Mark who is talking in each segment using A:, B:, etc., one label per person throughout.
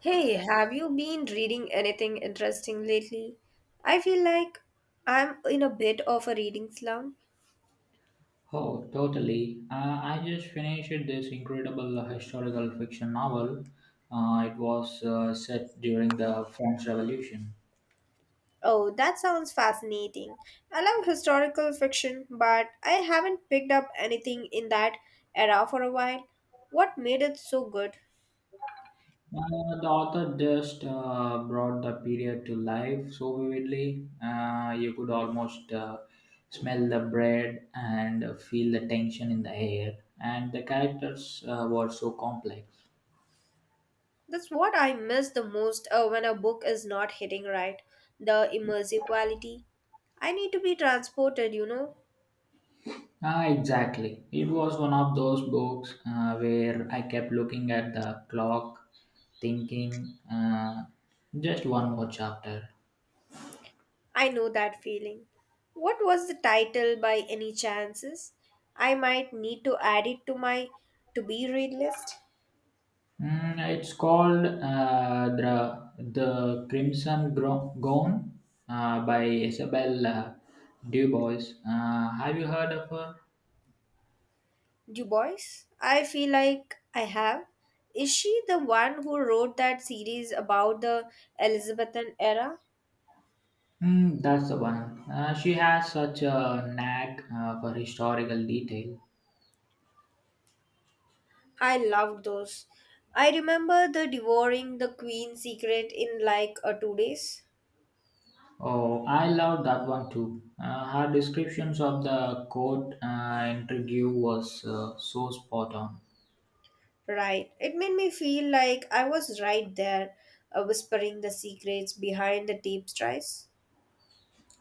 A: Hey, have you been reading anything interesting lately? I feel like I'm in a bit of a reading slump.
B: Oh, totally. I just finished this incredible historical fiction novel. It was set during the French Revolution.
A: Oh, that sounds fascinating. I love historical fiction, but I haven't picked up anything in that era for a while. What made it so good?
B: Uh, the author just brought the period to life so vividly. You could almost smell the bread and feel the tension in the air. And the characters were so complex.
A: That's what I miss the most when a book is not hitting right the immersive quality. I need to be transported.
B: Ah, exactly. It was one of those books where I kept looking at the clock, thinking, just one more chapter.
A: I know that feeling. What was the title by any chances? I might need to add it to my to be read list.
B: Mm, it's called the Crimson Gown by Isabel Du Bois. Have you heard of her?
A: Du Bois? I feel like I have. Is she the one who wrote that series about the Elizabethan era?
B: Mm, that's the one. She has such a knack for historical detail.
A: I loved those. I remember the devouring the queen's secret in like a 2 days.
B: Oh, I love that one too. Her descriptions of the court interview was so spot on.
A: Right. It made me feel like I was right there, whispering the secrets behind the tapestries.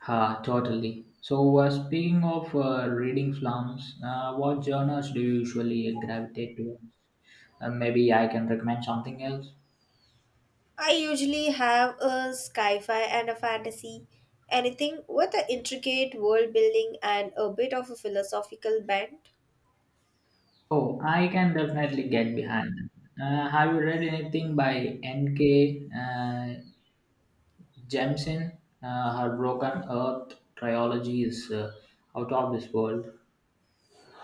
B: Ha, totally. So, speaking of reading films, what genres do you usually gravitate towards? Maybe I can recommend something else.
A: I usually have a sci fi and a fantasy, anything with an intricate world building and a bit of a philosophical bent.
B: Oh, I can definitely get behind that. Have you read anything by N.K. Jemison? Her Broken Earth trilogy is out of this world.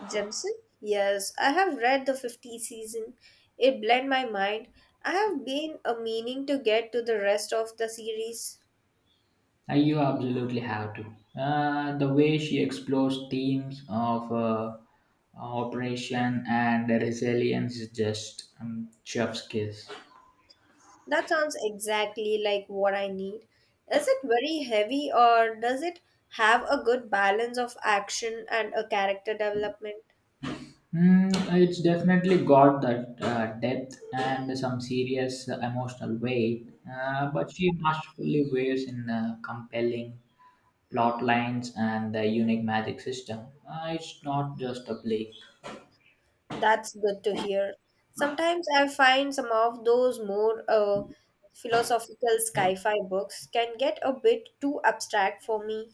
A: Jensen? Yes, I have read the 50 season. It bled my mind. I have been a meaning to get to the rest of the series.
B: You absolutely have to. The way she explores themes of operation and resilience is just chef's kiss.
A: That sounds exactly like what I need. Is it very heavy or does it have a good balance of action and a character development?
B: Mm, it's definitely got that depth and some serious emotional weight, but she masterfully weaves in compelling plot lines and the unique magic system. It's not just a play.
A: That's good to hear. Sometimes I find some of those more philosophical sci fi books can get a bit too abstract for me.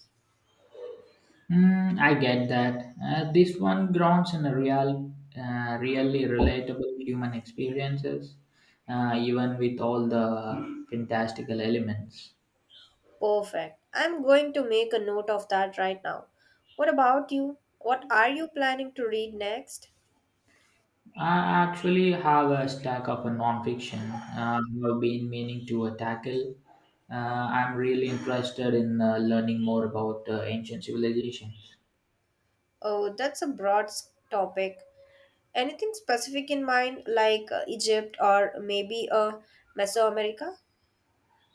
B: Mm, I get that. This one grounds in a real, really relatable human experiences, even with all the fantastical elements.
A: Perfect. I'm going to make a note of that right now. What about you? What are you planning to read next?
B: I actually have a stack of a nonfiction I've been meaning to tackle. I'm really interested in learning more about ancient civilizations.
A: Oh, that's a broad topic. Anything specific in mind, like Egypt or maybe Mesoamerica?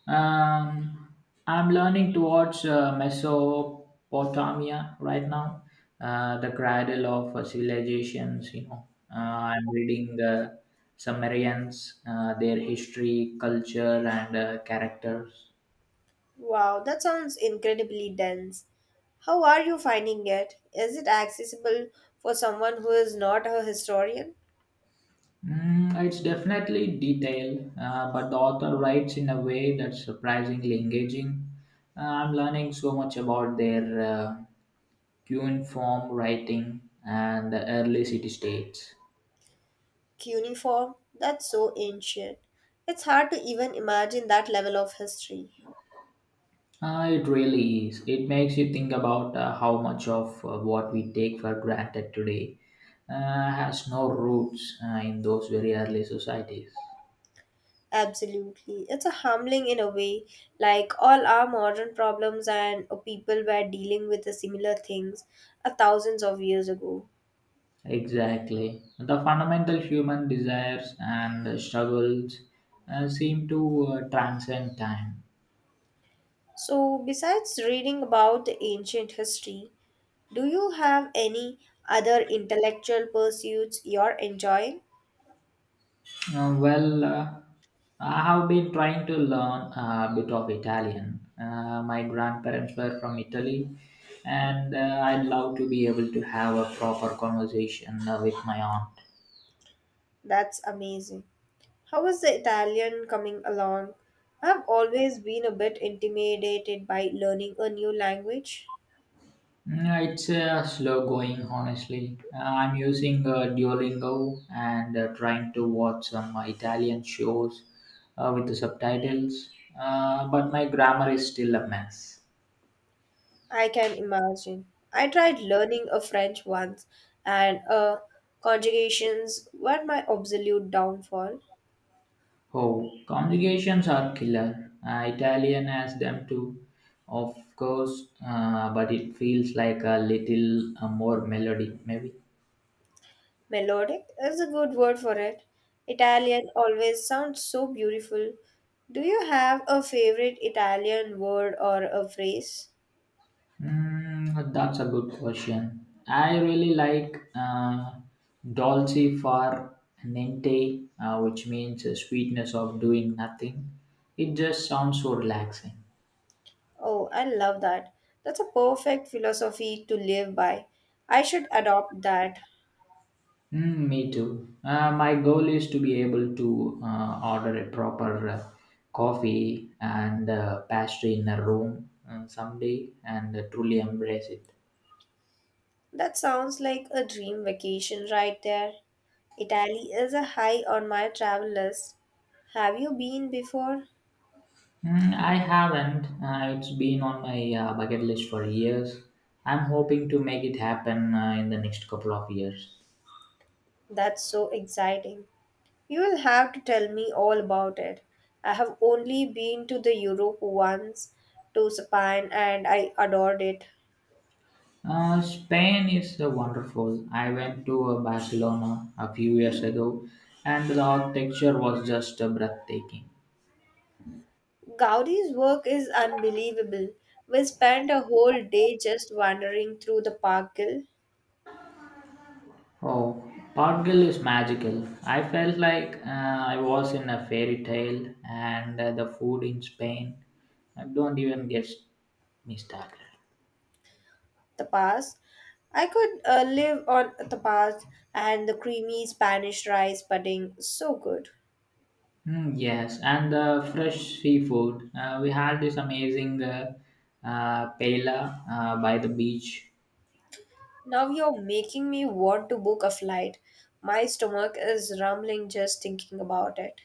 B: Um, I'm learning to watch Mesopotamia right now, the cradle of civilizations. You know, uh, I'm reading the Sumerians, their history, culture, and characters.
A: Wow, that sounds incredibly dense. How are you finding it? Is it accessible for someone who is not a historian?
B: Mm, it's definitely detailed, but the author writes in a way that's surprisingly engaging. I'm learning so much about their cuneiform writing and the early city states.
A: Cuneiform? That's so ancient. It's hard to even imagine that level of history.
B: It really is. It makes you think about how much of what we take for granted today has no roots in those very early societies.
A: Absolutely. It's a humbling in a way, like all our modern problems and people were dealing with the similar things a thousands of years ago.
B: Exactly. The fundamental human desires and struggles seem to transcend time.
A: So, besides reading about the ancient history, do you have any other intellectual pursuits you're enjoying?
B: Well, I have been trying to learn a bit of Italian. My grandparents were from Italy, and I'd love to be able to have a proper conversation with my aunt.
A: That's amazing. How is the Italian coming along? I've always been a bit intimidated by learning a new language.
B: Mm, it's slow going, honestly. I'm using Duolingo and trying to watch some Italian shows with the subtitles, but my grammar is still a mess.
A: I can imagine. I tried learning a French once, and conjugations were my absolute downfall.
B: Oh, conjugations are killer. Italian has them too, of course, but it feels like a little more melody, maybe.
A: Melodic is a good word for it. Italian always sounds so beautiful. Do you have a favorite Italian word or a phrase?
B: Mm, that's a good question. I really like dolce far niente, which means sweetness of doing nothing. It just sounds so relaxing.
A: Oh, I love that. That's a perfect philosophy to live by. I should adopt that.
B: Mm, me too. My goal is to be able to order a proper coffee and pastry in a room someday and truly embrace it.
A: That sounds like a dream vacation right there. Italy is a high on my travel list. Have you been before?
B: Mm, I haven't. It's been on my bucket list for years. I'm hoping to make it happen in the next couple of years.
A: That's so exciting. You will have to tell me all about it. I have only been to the Europe once to Spain and I adored it.
B: Spain is wonderful. I went to Barcelona a few years ago, and the architecture was just breathtaking.
A: Gaudi's work is unbelievable. We spent a whole day just wandering through the parkil,
B: Oh, Pot is magical. I felt like I was in a fairy tale, and the food in Spain. I don't even get me started.
A: the pass. I could live on the pass and the creamy Spanish rice pudding, so good.
B: Mm, yes, and the fresh seafood. We had this amazing paella by the beach.
A: Now you're making me want to book a flight. My stomach is rumbling just thinking about it.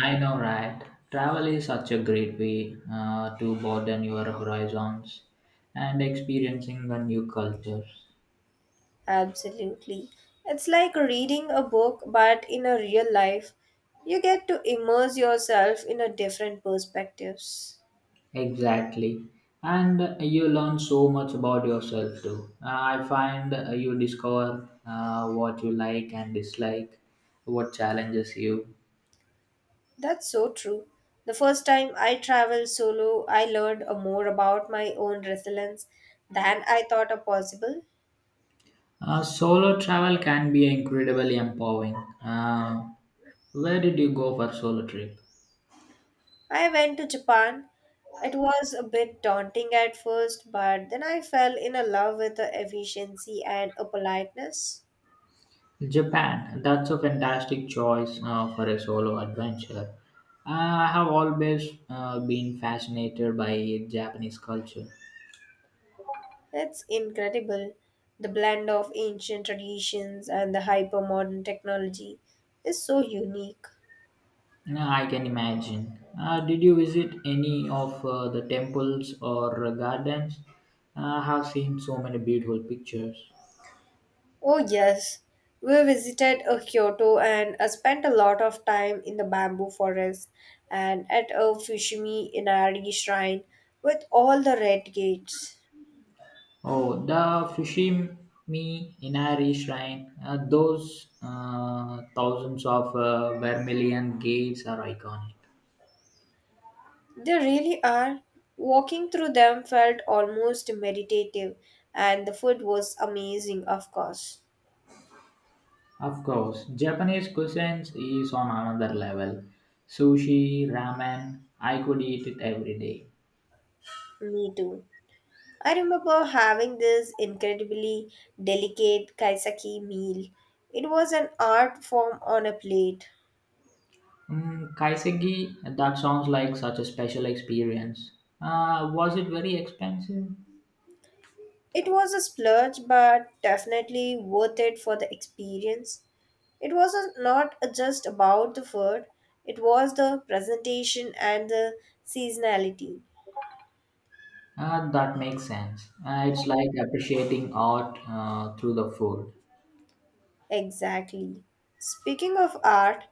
B: I know, right? Travel is such a great way to broaden your horizons and experiencing the new cultures.
A: Absolutely. It's like reading a book, but in a real life, you get to immerse yourself in a different perspectives.
B: Exactly. And you learn so much about yourself too. I find you discover what you like and dislike, what challenges you.
A: That's so true. The first time I traveled solo, I learned a more about my own resilience than I thought are possible.
B: Solo travel can be incredibly empowering. Uh, where did you go for solo trip?
A: I went to Japan. It was a bit daunting at first, but then I fell in love with the efficiency and a politeness.
B: Japan. That's a fantastic choice for a solo adventure. I have always been fascinated by Japanese culture.
A: It's incredible. The blend of ancient traditions and the hypermodern technology is so unique.
B: No, I can imagine. Did you visit any of the temples or gardens? I have seen so many beautiful pictures.
A: Oh, yes. We visited a Kyoto and spent a lot of time in the bamboo forest and at a Fushimi Inari shrine with all the red gates.
B: Oh, the Fushimi Inari Shrine. Those thousands of vermilion gates are iconic.
A: They really are. Walking through them felt almost meditative, and the food was amazing, of course.
B: Of course, Japanese cuisine is on another level. Sushi, ramen, I could eat it every day.
A: Me too. I remember having this incredibly delicate kaisaki meal. It was an art form on a plate.
B: Mm, Kaiseki, that sounds like such a special experience. Was it very expensive?
A: It was a splurge, but definitely worth it for the experience. It was not just about the food, it was the presentation and the seasonality.
B: That makes sense. It's like appreciating art through the food.
A: Exactly. Speaking of art,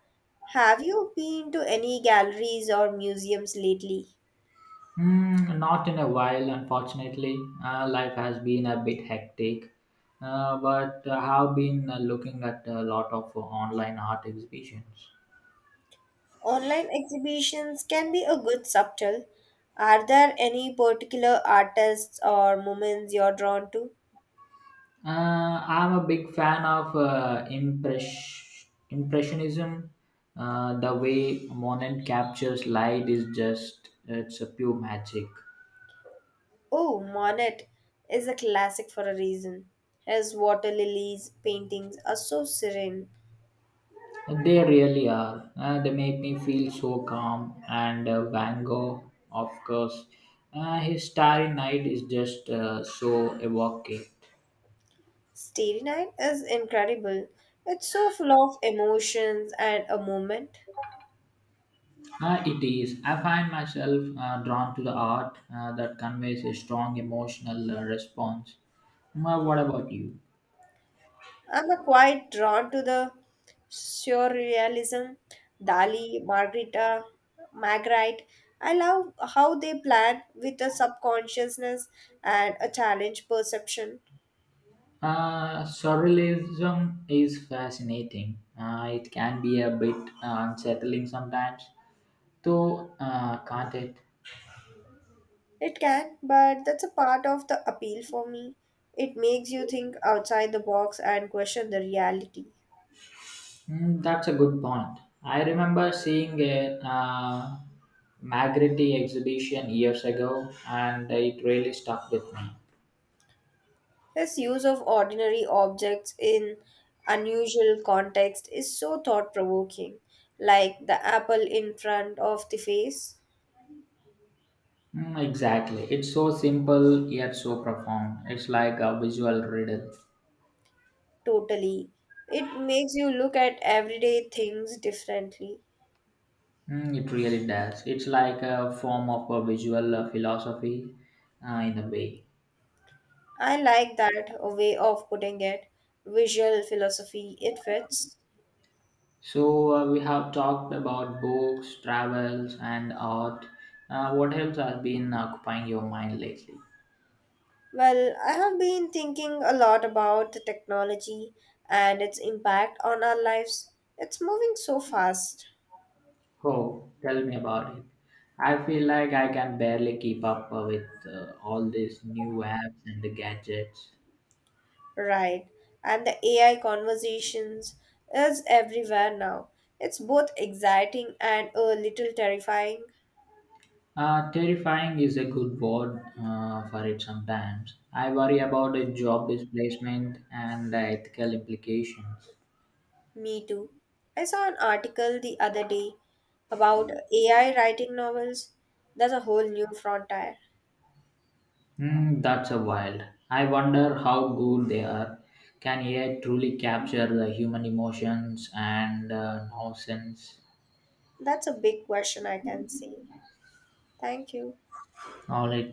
A: have you been to any galleries or museums lately?
B: Mm, not in a while, unfortunately. Life has been a bit hectic, but I have been looking at a lot of online art exhibitions.
A: Online exhibitions can be a good subtle. Are there any particular artists or moments you're drawn to?
B: I'm a big fan of impressionism. The way Monet captures light is just it's a pure magic.
A: Oh, Monet is a classic for a reason. His water lilies paintings are so serene.
B: They really are. They make me feel so calm. And Van Gogh, of course, his Starry Night is just so evocative.
A: Starry Night is incredible. It's so full of emotions and a moment.
B: It is. I find myself drawn to the art that conveys a strong emotional response. Ma, what about you?
A: I'm a quite drawn to the surrealism, Dali, Margarita, Magritte. I love how they plan with a subconsciousness and a challenge perception.
B: Surrealism is fascinating. It can be a bit unsettling sometimes, though, can't it?
A: It can, but that's a part of the appeal for me. It makes you think outside the box and question the reality.
B: Mm, that's a good point. I remember seeing a Magritte exhibition years ago, and it really stuck with me.
A: His use of ordinary objects in unusual context is so thought provoking, like the apple in front of the face.
B: Mm, exactly. It's so simple yet so profound. It's like a visual riddle.
A: Totally. It makes you look at everyday things differently.
B: Mm, it really does. It's like a form of a visual philosophy in a way.
A: I like that a way of putting it. Visual philosophy, it fits.
B: So we have talked about books, travels, and art. What else has been occupying your mind lately?
A: Well, I have been thinking a lot about the technology and its impact on our lives. It's moving so fast,
B: Oh, tell me about it. I feel like I can barely keep up with all these new apps and the gadgets.
A: right? And the AI conversations is everywhere now. It's both exciting and a little terrifying.
B: Terrifying is a good word for it sometimes. I worry about the job displacement and the ethical implications.
A: Me too. I saw an article the other day about AI writing novels. That's a whole new frontier.
B: Hmm, that's a wild. I wonder how good they are. Can AI truly capture the human emotions and nonsense?
A: That's a big question, I can see. Thank you.
B: All right,